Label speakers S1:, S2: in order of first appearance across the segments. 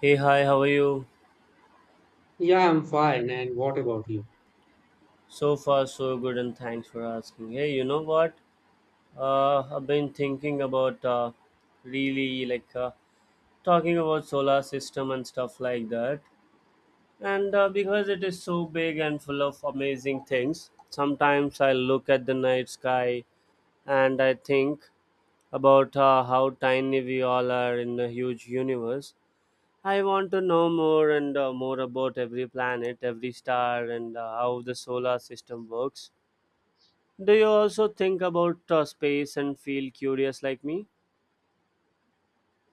S1: Hey, hi, how are you?
S2: Yeah, I'm fine. And what about you?
S1: So far, so good, and thanks for asking. Hey, you know what? I've been thinking about really like talking about solar system and stuff like that. And Because it is so big and full of amazing things, sometimes I look at the night sky and I think about how tiny we all are in the huge universe. I want to know more and more about every planet, every star, and how the solar system works. Do you also think about space and feel curious like me?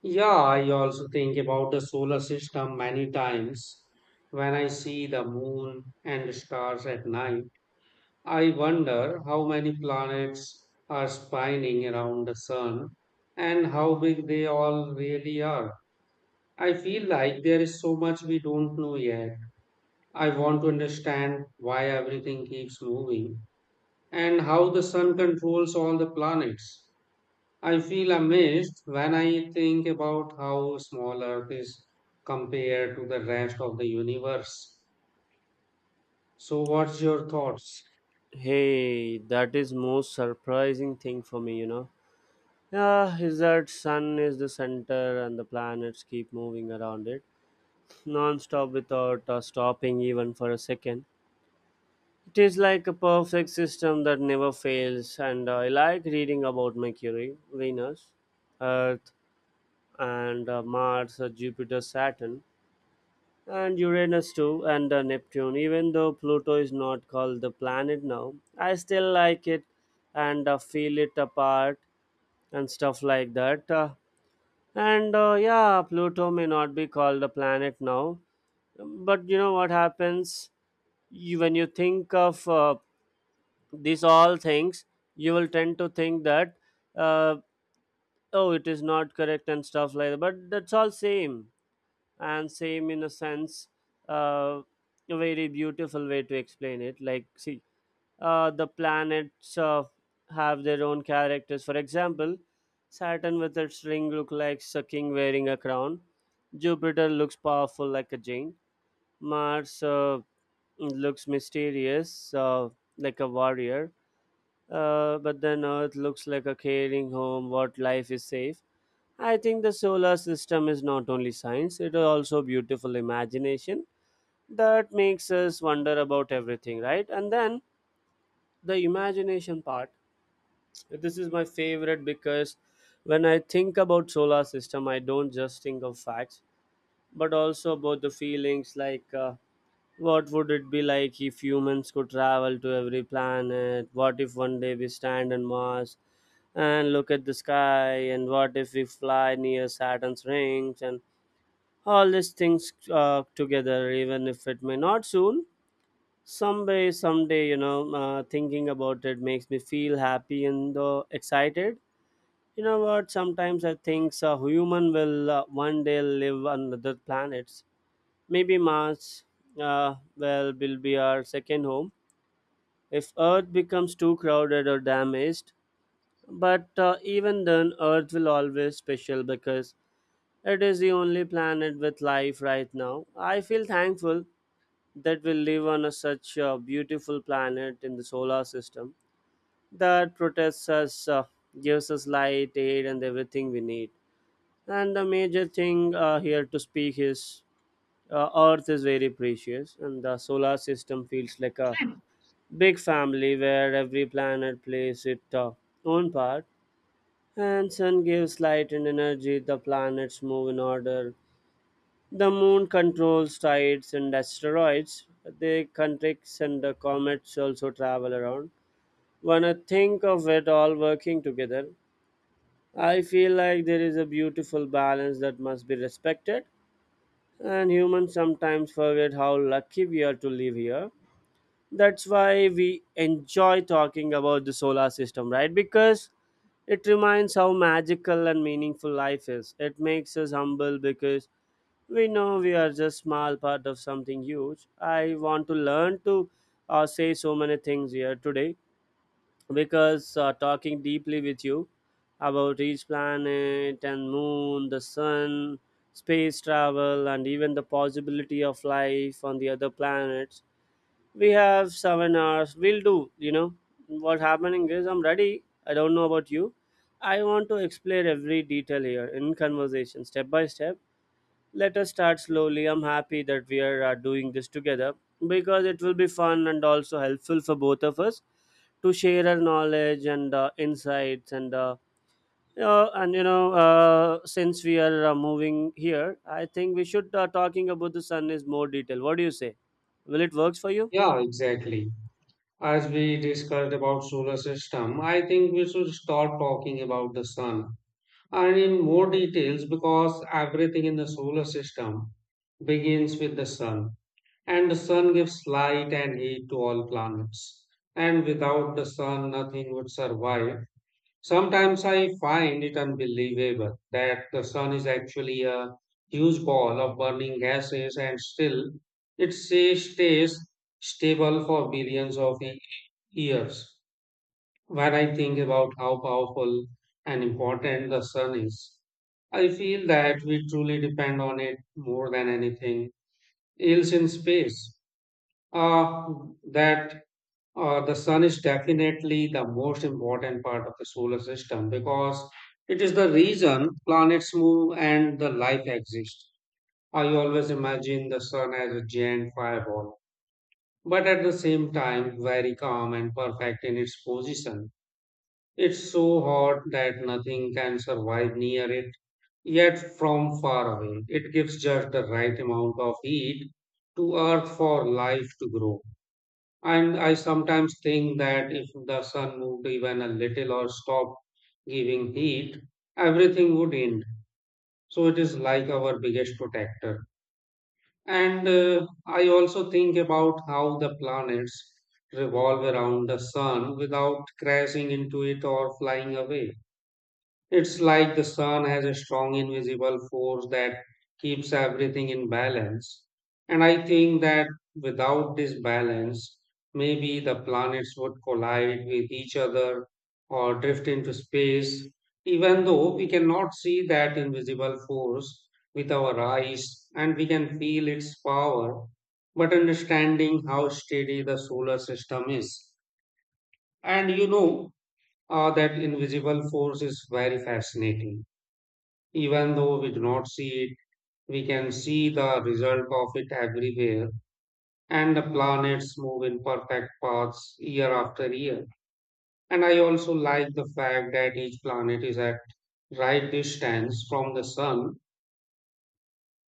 S2: Yeah, I also think about the solar system many times. When I see the moon and the stars at night, I wonder how many planets are spinning around the sun and how big they all really are. I feel like there is so much we don't know yet. I want to understand why everything keeps moving and how the sun controls all the planets. I feel amazed when I think about how small Earth is compared to the rest of the universe. So, what's your thoughts?
S1: Hey, that is most surprising thing for me, you know. Yeah, is that sun is the center and the planets keep moving around it non-stop without stopping even for a second. It is like a perfect system that never fails, and I like reading about Mercury, Venus, Earth, and Mars, Jupiter, Saturn, and Uranus too, and Neptune. Even though Pluto is not called the planet now, I still like it and feel it apart and stuff like that. And Yeah, Pluto may not be called a planet now, but you know what happens you, when you think of these all things, you will tend to think that uh, oh, it is not correct and stuff like that. But that's all same, and same in a sense, uh, a very beautiful way to explain it. Like see, the planets have their own characters. For example, Saturn with its ring look like a king wearing a crown. Jupiter looks powerful like a giant. Mars looks mysterious, like a warrior, but then Earth looks like a caring home what life is safe. I think the solar system is not only science, it is also beautiful imagination that makes us wonder about everything, right? And then the imagination part. This is my favorite because when I think about solar system, I don't just think of facts, but also about the feelings like, what would it be like if humans could travel to every planet? What if one day we stand on Mars and look at the sky, and what if we fly near Saturn's rings and all these things together, even if it may not soon, someday you know, thinking about it makes me feel happy and excited. You know what, sometimes I think a human will one day live on other planets. Maybe Mars well will be our second home if Earth becomes too crowded or damaged. But even then Earth will always special because it is the only planet with life right now. I feel thankful that we live on a such a beautiful planet in the solar system that protects us, gives us light, air, and everything we need. And the major thing here to speak is, Earth is very precious, and the solar system feels like a big family where every planet plays its own part. And sun gives light and energy. The planets move in order. The moon controls tides and asteroids. The countries and the comets also travel around. When I think of it all working together, I feel like there is a beautiful balance that must be respected. And humans sometimes forget how lucky we are to live here. That's why we enjoy talking about the solar system, right? Because it reminds how magical and meaningful life is. It makes us humble because we know we are just small part of something huge. I want to learn to say so many things here today because talking deeply with you about each planet and moon, the sun, space travel, and even the possibility of life on the other planets, we have 7 hours. We'll do, you know, what's happening is I'm ready. I don't know about you. I want to explore every detail here in conversation step by step. Let us start slowly. I'm happy that we are doing this together because it will be fun and also helpful for both of us to share our knowledge and insights and you know, since we are moving here, I think we should talking about the sun is more detail. What do you say? Will it works for you?
S2: Yeah, exactly. As we discussed about solar system, I think we should start talking about the sun and in more details because everything in the solar system begins with the sun, and the sun gives light and heat to all planets, and without the sun nothing would survive. Sometimes I find it unbelievable that the sun is actually a huge ball of burning gases and still it says stays stable for billions of years. When I think about how powerful and important the sun is, I feel that we truly depend on it more than anything else in space. Uh, that The sun is definitely the most important part of the solar system because it is the reason planets move and the life exists. I always imagine the sun as a giant fireball, but at the same time, very calm and perfect in its position. It's so hot that nothing can survive near it, yet from far away, it gives just the right amount of heat to Earth for life to grow. And I sometimes think that if the sun moved even a little or stopped giving heat, everything would end. So it is like our biggest protector. And I also think about how the planets revolve around the sun without crashing into it or flying away. It's like the sun has a strong invisible force that keeps everything in balance. And I think that without this balance, maybe the planets would collide with each other or drift into space, even though we cannot see that invisible force with our eyes and we can feel its power. But understanding how steady the solar system is, and that invisible force is very fascinating. Even though we do not see it, we can see the result of it everywhere, and the planets move in perfect paths year after year. And I also like the fact that each planet is at right distance from the sun.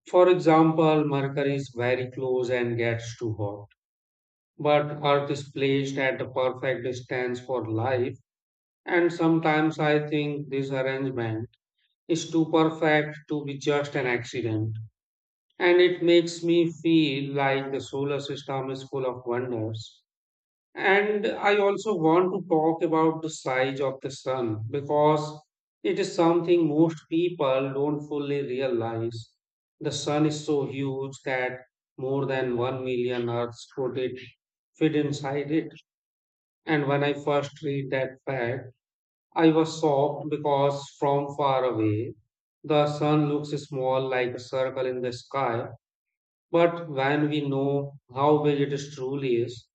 S2: For example, Mercury is very close and gets too hot, but Earth is placed at the perfect distance for life. And sometimes I think this arrangement is too perfect to be just an accident, and it makes me feel like the solar system is full of wonders. And I also want to talk about the size of the sun because it is something most people don't fully realize. The sun is so huge that more than 1 million Earths could it fit inside it. And when I first read that fact, I was shocked because from far away, the sun looks small like a circle in the sky, but when we know how big it is truly is,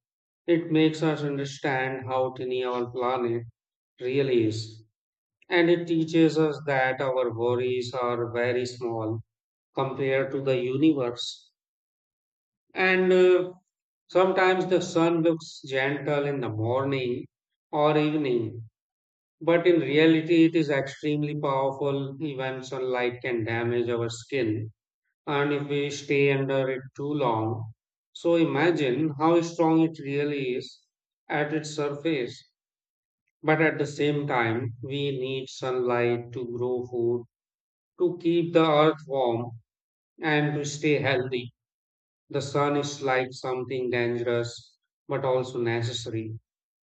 S2: it makes us understand how tiny our planet really is. And it teaches us that our worries are very small compared to the universe. And sometimes the sun looks gentle in the morning or evening, but in reality, it is extremely powerful. Even sunlight can damage our skin and if we stay under it too long. So imagine how strong it really is at its surface. But at the same time, we need sunlight to grow food, to keep the earth warm, and to stay healthy. The sun is like something dangerous, but also necessary.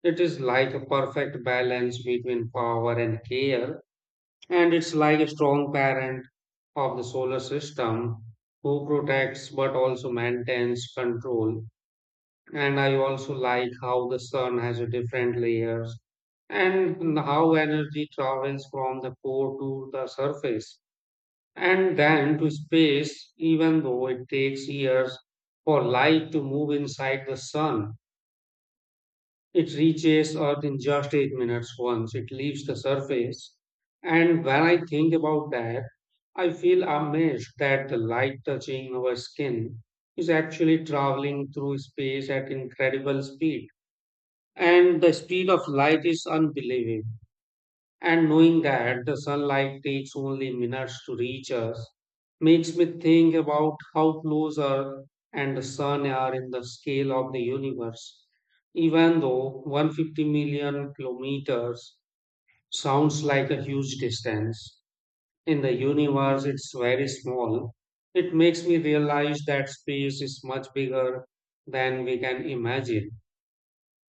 S2: It is like a perfect balance between power and care, and it's like a strong parent of the solar system who protects but also maintains control. And I also like how the sun has a different layers and how energy travels from the core to the surface and then to space, even though it takes years for light to move inside the sun. It reaches Earth in just 8 minutes once it leaves the surface. And when I think about that, I feel amazed that the light touching our skin is actually traveling through space at incredible speed. And the speed of light is unbelievable. And knowing that the sunlight takes only minutes to reach us makes me think about how close Earth and the sun are in the scale of the universe. Even though 150 million kilometers sounds like a huge distance, in the universe it's very small. It makes me realize that space is much bigger than we can imagine.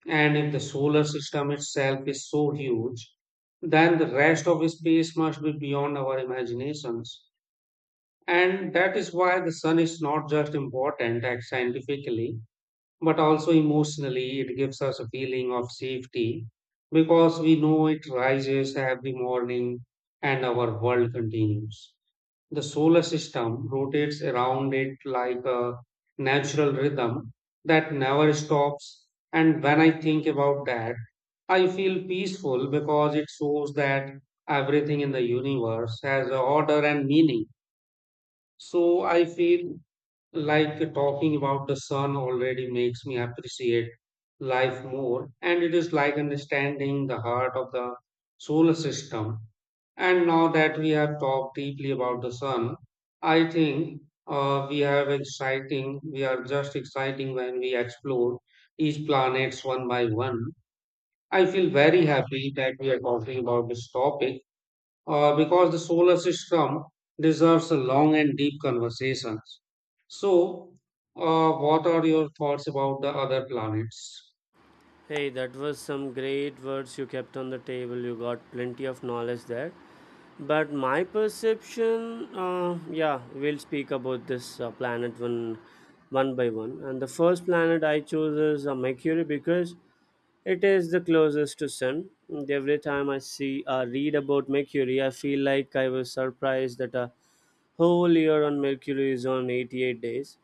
S2: And if the solar system itself is so huge, then the rest of space must be beyond our imaginations. And that is why the sun is not just important like, scientifically, but also emotionally. It gives us a feeling of safety because we know it rises every morning and our world continues. The solar system rotates around it like a natural rhythm that never stops. And when I think about that, I feel peaceful because it shows that everything in the universe has a order and meaning. So I feel like talking about the sun already makes me appreciate life more, and it is like understanding the heart of the solar system. And now that we have talked deeply about the sun, I think we have exciting. We are just exciting when we explore each planets one by one. I feel very happy that we are talking about this topic because the solar system deserves a long and deep conversations. So, what are your thoughts about the other planets?
S1: Hey, that was some great words you kept on the table. You got plenty of knowledge there. But my perception, yeah, we'll speak about this planet one by one. And the first planet I chose is Mercury because it is the closest to Sun. And every time I see read about Mercury, I feel like I was surprised that a whole year on Mercury is on 88 days.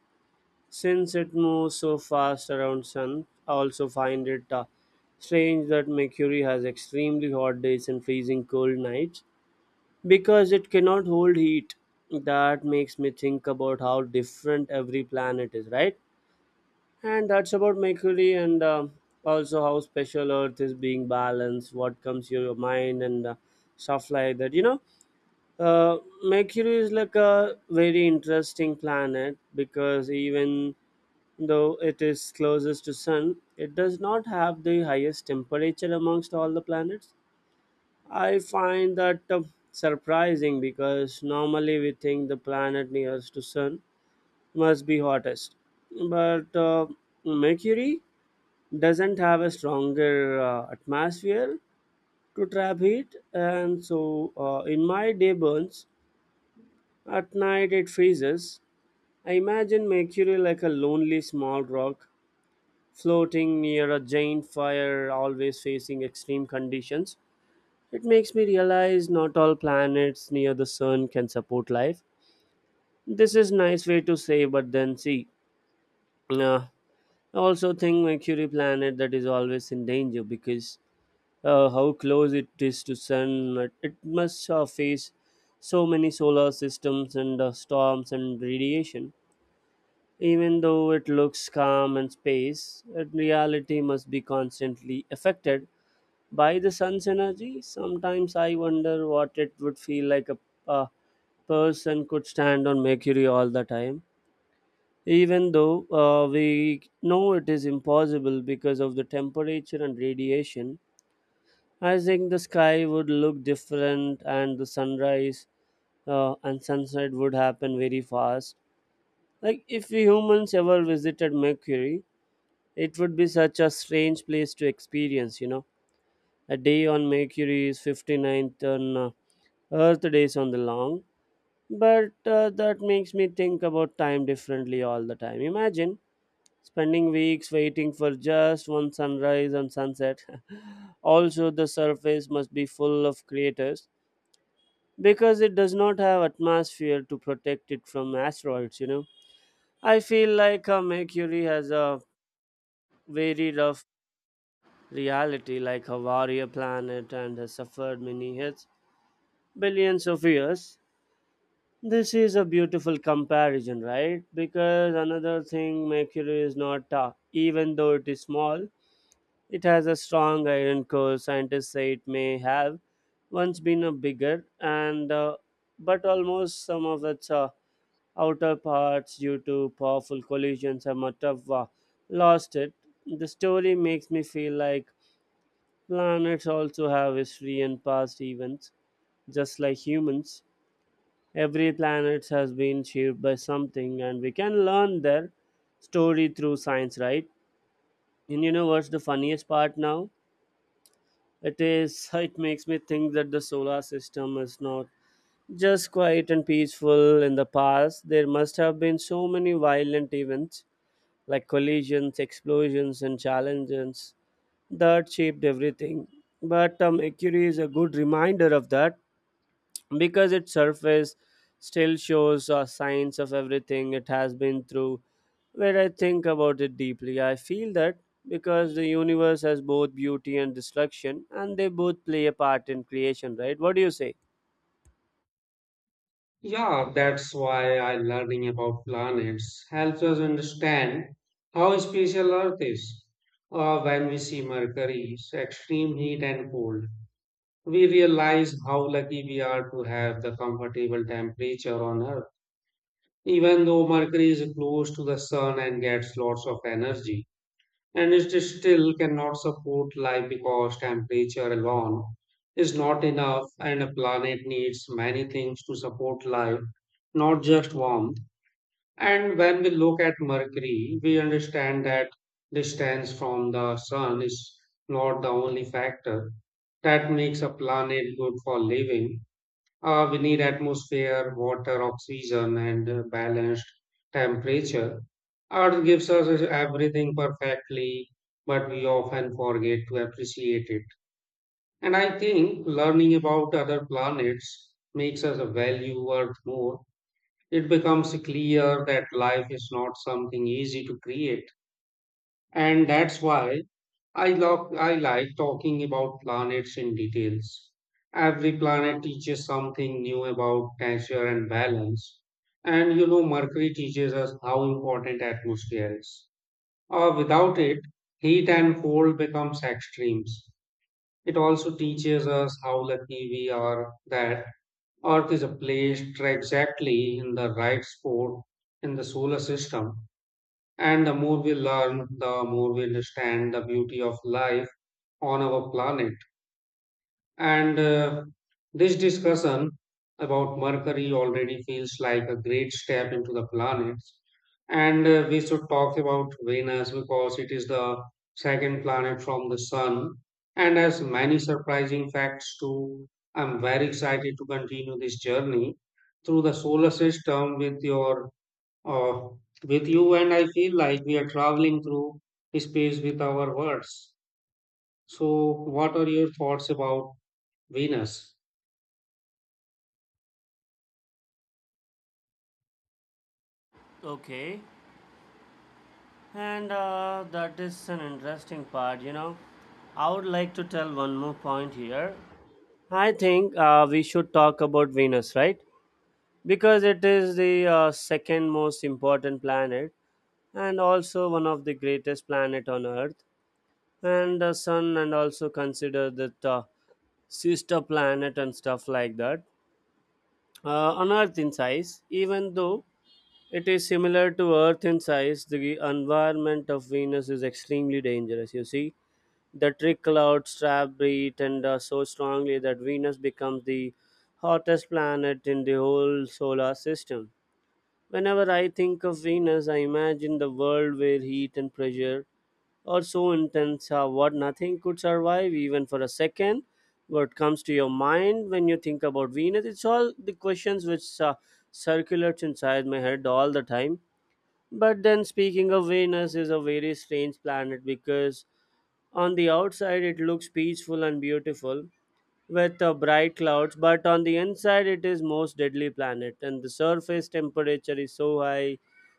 S1: Since it moves so fast around Sun, I also find it strange that Mercury has extremely hot days and freezing cold nights because it cannot hold heat. That makes me think about how different every planet is, right? And that's about Mercury, and also how special Earth is being balanced, what comes to your mind, and stuff like that. You know, uh, Mercury is like a very interesting planet because even though it is closest to sun, it does not have the highest temperature amongst all the planets. I find that surprising because normally we think the planet nearest to sun must be hottest, but Mercury doesn't have a stronger atmosphere to trap heat, and so in my day burns, at night it freezes. I imagine Mercury like a lonely small rock floating near a giant fire, always facing extreme conditions. It makes me realize not all planets near the sun can support life. This is nice way to say, but then see, uh, I also think Mercury planet that is always in danger because how close it is to sun, it must face so many solar systems and storms and radiation. Even though it looks calm and space, in reality must be constantly affected by the sun's energy. Sometimes I wonder what it would feel like a uh, person could stand on Mercury all the time, even though we know it is impossible because of the temperature and radiation. I think the sky would look different, and the sunrise and sunset would happen very fast. Like if we humans ever visited Mercury, it would be such a strange place to experience. You know, a day on Mercury is 59th and Earth days on the long. But that makes me think about time differently all the time. Imagine spending weeks waiting for just one sunrise and sunset. Also, the surface must be full of craters because it does not have atmosphere to protect it from asteroids, you know. I feel like Mercury has a very rough reality, like a warrior planet, and has suffered many hits billions of years. This is a beautiful comparison, right? Because another thing, Mercury is not dark. Even though it is small, it has a strong iron core. Scientists say it may have once been a bigger and but almost some of its outer parts due to powerful collisions and much of lost it. The story makes me feel like planets also have history and past events, just like humans. Every planet has been shaped by something, and we can learn their story through science, right? And you know what's the funniest part now? It is, it makes me think that the solar system is not just quiet and peaceful in the past. There must have been so many violent events like collisions, explosions, and challenges that shaped everything. But Mercury is a good reminder of that because its surface still shows signs of everything it has been through. When I think about it deeply, I feel that because the universe has both beauty and destruction, and they both play a part in creation, right? What do you say?
S2: Yeah, that's why I learning about planets helps us understand how special Earth is. When we see Mercury's extreme heat and cold, we realize how lucky we are to have the comfortable temperature on Earth. Even though Mercury is close to the sun and gets lots of energy, and it still cannot support life because temperature alone is not enough and a planet needs many things to support life, not just warmth. And when we look at mercury we understand that distance from the sun is not the only factor that makes a planet good for living. We need atmosphere, water, oxygen, and balanced temperature. Earth gives us everything perfectly, but we often forget to appreciate it. And I think learning about other planets makes us value Earth more. It becomes clear that life is not something easy to create. And that's why I like talking about planets in details. Every planet teaches something new about nature and balance. And you know, Mercury teaches us how important atmosphere is. Without it, heat and cold becomes extremes. It also teaches us how lucky we are that Earth is placed exactly in the right spot in the solar system. And the more we learn, the more we understand the beauty of life on our planet. And this discussion about Mercury already feels like a great step into the planets. And we should talk about Venus because it is the second planet from the Sun and has many surprising facts too. I'm very excited to continue this journey through the solar system uh, with you, and I feel like we are traveling through space with our words. So, what are your thoughts about Venus?
S1: Okay, and that is an interesting part, you know. I would like to tell one more point here. I think we should talk about Venus, right? Because it is the second most important planet, and also one of the greatest planet on earth and the sun, and also consider the sister planet and stuff like that on earth in size. Even though it is similar to earth in size, the environment of venus is extremely dangerous, you see. The trick clouds trap breed, and so strongly that venus becomes the hottest planet in the whole solar system. Whenever I think of venus, I imagine the world where heat and pressure or so intense, what nothing could survive even for a second. What comes to your mind when you think about venus? It's all the questions which circulates inside my head all the time. But then speaking of venus is a very strange planet, because on the outside it looks peaceful and beautiful, with bright clouds, but on the inside it is most deadly planet, and the surface temperature is so high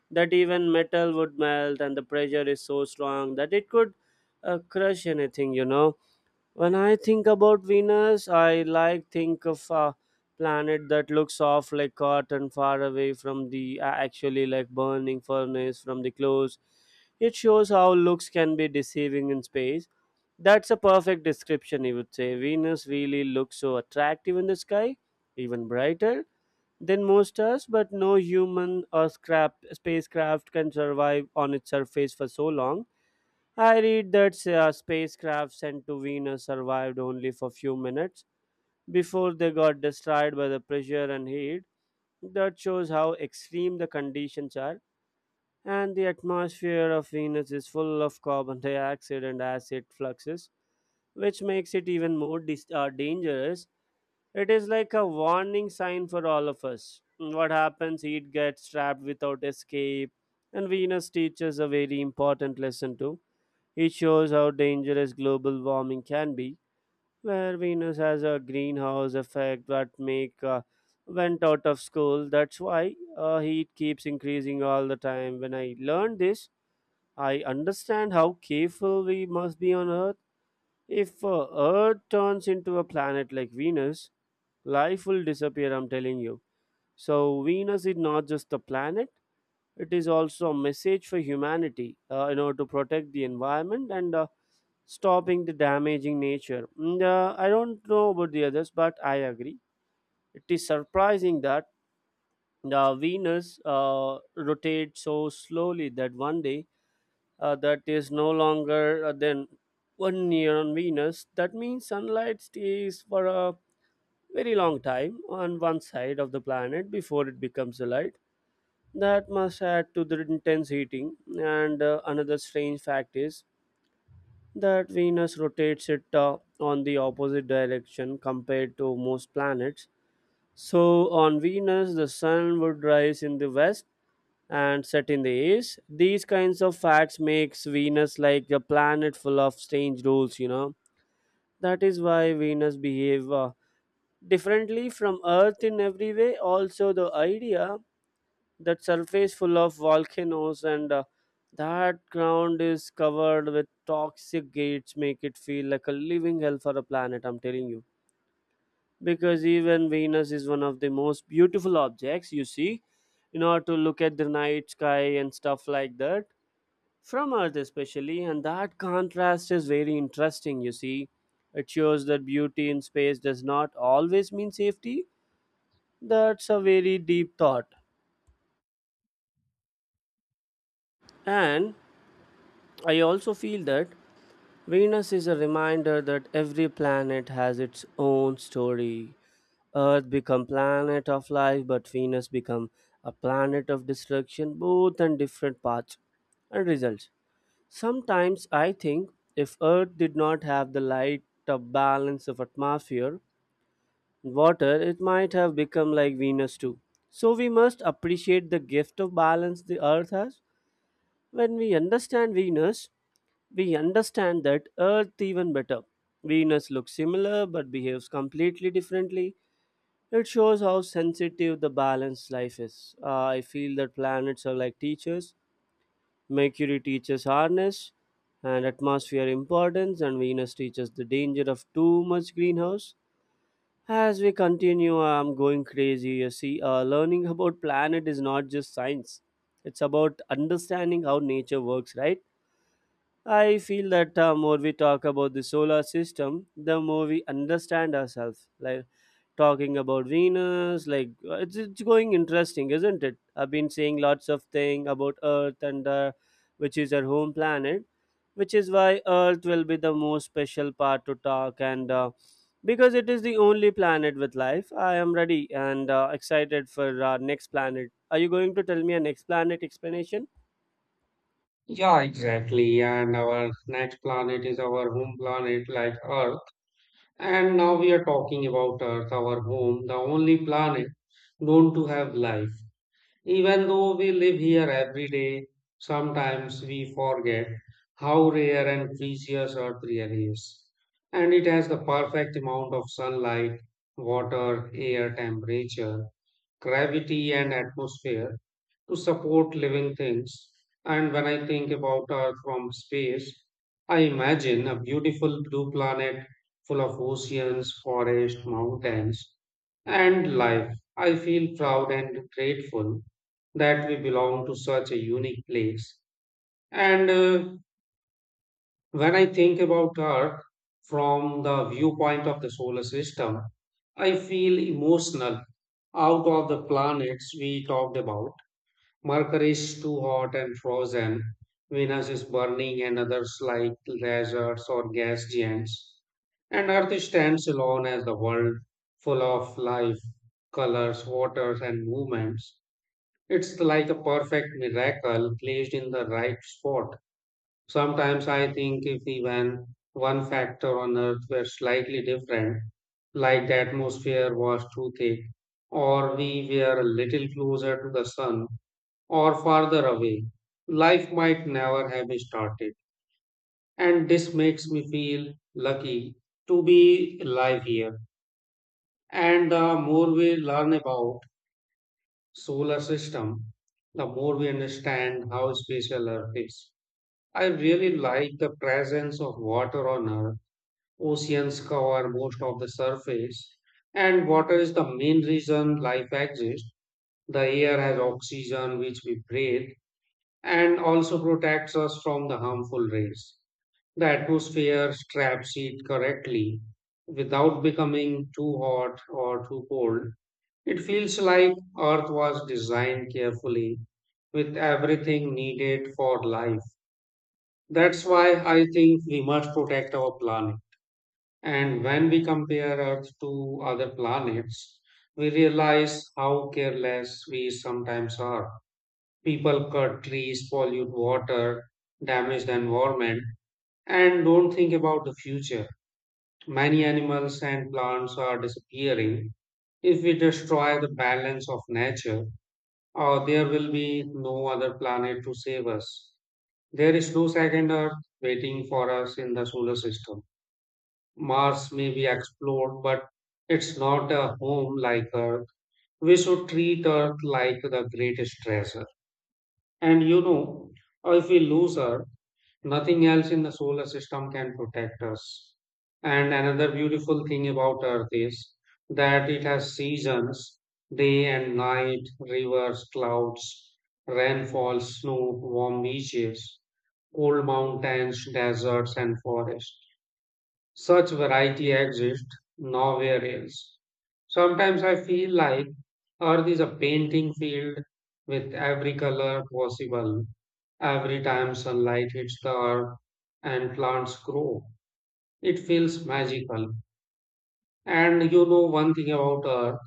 S1: that even metal would melt, and the pressure is so strong that it could crush anything, you know. When I think about Venus, I like think of a planet that looks soft like cotton, far away from the actually like burning furnace from the clothes. It shows how looks can be deceiving in space. That's a perfect description, I would say. Venus really looks so attractive in the sky, even brighter than most stars, but no human or scrap spacecraft can survive on its surface for so long. I read that a spacecraft sent to Venus survived only for few minutes before they got destroyed by the pressure and heat. That shows how extreme the conditions are, and the atmosphere of Venus is full of carbon dioxide and acid fluxes, which makes it even more dangerous. It is like a warning sign for all of us. What happens? Heat gets trapped without escape, and Venus teaches a very important lesson too. It shows how dangerous global warming can be, where Venus has a greenhouse effect that make went out of school. That's why heat keeps increasing all the time. When I learned this, I understand how careful we must be on Earth. If Earth turns into a planet like Venus, life will disappear. I'm telling you. So Venus is not just a planet; it is also a message for humanity. You know, to protect the environment, and stopping the damaging nature. And, I don't know about the others, but I agree. It is surprising that the Venus rotates so slowly that one day that is no longer than one year on Venus. That means sunlight stays for a very long time on one side of the planet before it becomes a light. That must add to the intense heating. And another strange fact is that Venus rotates it on the opposite direction compared to most planets. So, on Venus, the sun would rise in the west and set in the east. These kinds of facts makes Venus like a planet full of strange rules, you know. That is why Venus behave differently from Earth in every way. Also, the idea that surface full of volcanoes, and that ground is covered with toxic gates, make it feel like a living hell for a planet. I'm telling you, because even venus is one of the most beautiful objects, you see, in order to look at the night sky and stuff like that, from earth especially, and that contrast is very interesting, you see. It shows that beauty in space does not always mean safety. That's a very deep thought. And I also feel that Venus is a reminder that every planet has its own story. Earth become planet of life, but Venus become a planet of destruction, both on different paths and results. Sometimes I think if Earth did not have the light of balance of atmosphere and water, it might have become like Venus too. So we must appreciate the gift of balance the Earth has. When we understand Venus, we understand that Earth even better. Venus looks similar but behaves completely differently. It shows how sensitive the balanced life is. I feel that planets are like teachers. Mercury teaches harness and atmosphere importance, and Venus teaches the danger of too much greenhouse. As we continue, I'm going crazy. You see, learning about planet is not just science; it's about understanding how nature works, right? I feel that more we talk about the solar system, the more we understand ourselves. Like talking about Venus, like it's going interesting, isn't it? I've been saying lots of things about Earth, and which is our home planet, which is why Earth will be the most special part to talk, and because it is the only planet with life. I am ready and excited for our next planet. Are you going to tell me a next planet explanation?
S2: Exactly, and our next planet is our home planet, like Earth. And now we are talking about Earth, our home, the only planet known to have life. Even though we live here every day, sometimes we forget how rare and precious Earth really is. And it has the perfect amount of sunlight, water, air temperature, gravity, and atmosphere to support living things. And when I think about Earth from space, I imagine a beautiful blue planet full of oceans, forests, mountains, and life. I feel proud and grateful that we belong to such a unique place. And when I think about Earth from the viewpoint of the solar system, I feel emotional. Out of the planets we talked about, Mercury is too hot and frozen. Venus is burning, and others like lasers or gas giants. And Earth stands alone as the world, full of life, colors, waters, and movements. It's like a perfect miracle placed in the right spot. Sometimes I think if even one factor on Earth were slightly different, like the atmosphere was too thick, or we were a little closer to the sun, or farther away, life might never have started. And this makes me feel lucky to be alive here. And the more we learn about solar system, the more we understand how special Earth is. I really like the presence of water on Earth. Oceans cover most of the surface, and water is the main reason life exists. The air has oxygen which we breathe and also protects us from the harmful rays. The atmosphere traps heat correctly without becoming too hot or too cold. It feels like Earth was designed carefully with everything needed for life. That's why I think we must protect our planet. And when we compare Earth to other planets, we realize how careless we sometimes are. People cut trees, pollute water, damage the environment, and don't think about the future. Many animals and plants are disappearing. If we destroy the balance of nature, there will be no other planet to save us. There is no second Earth waiting for us in the solar system. Mars may be explored, but it's not a home like Earth. We should treat Earth like the greatest treasure. And you know, or if we lose Earth, nothing else in the solar system can protect us. And another beautiful thing about Earth is that it has seasons, day and night, rivers, clouds, rainfall, snow, warm beaches, cold mountains, deserts, and forests. Such variety exists nowhere else. Sometimes I feel like Earth is a painting field with every color possible. Every time sunlight hits the earth and plants grow, it feels magical. And you know one thing about Earth,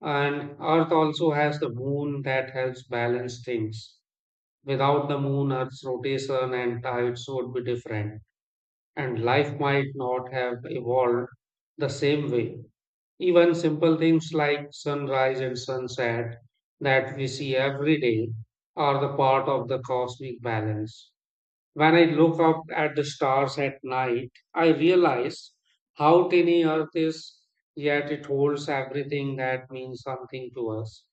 S2: and Earth also has the moon that helps balance things. Without the moon, Earth's rotation and tides would be different and life might not have evolved the same way. Even simple things like sunrise and sunset that we see every day are the part of the cosmic balance. When I look up at the stars at night, I realize how tiny Earth is, yet it holds everything that means something to us: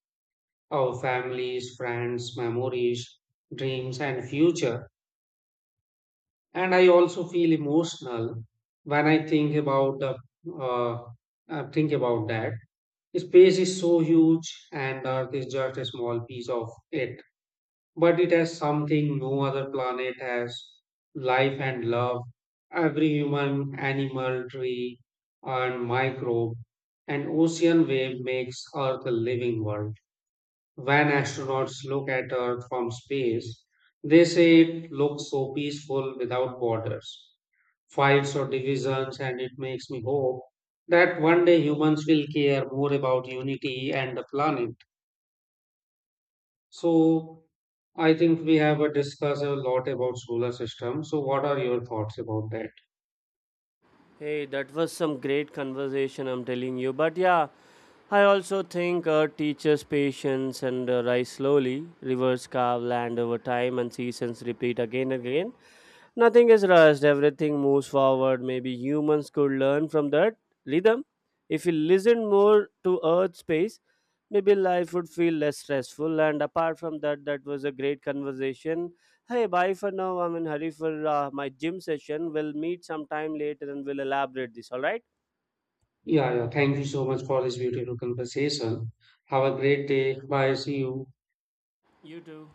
S2: our families, friends, memories, dreams, and future. And I also feel emotional when I think about the uh, think about that space is so huge and earth is just a small piece of it, but it has something no other planet has: life and love. Every human, animal, tree, and microbe, and ocean wave makes earth a living world. When astronauts look at earth from space, they say it looks so peaceful without borders, fights or divisions, and it makes me hope that one day humans will care more about unity and the planet. So I think we have discussed a lot about solar system. So what are your thoughts about that?
S1: Hey, that was some great conversation, I'm telling you. But yeah, I also think teachers' patience and rise slowly, rivers carve land over time, and seasons repeat again and again. Nothing is rushed, everything moves forward. Maybe humans could learn from that rhythm. If we listen more to Earth's space, maybe life would feel less stressful. And apart from that, that was a great conversation. Hey, bye for now. I'm in hurry for my gym session. We'll meet sometime later and we'll elaborate this, alright?
S2: Yeah, yeah. Thank you so much for this beautiful conversation. Have a great day. Bye. See you.
S1: You too.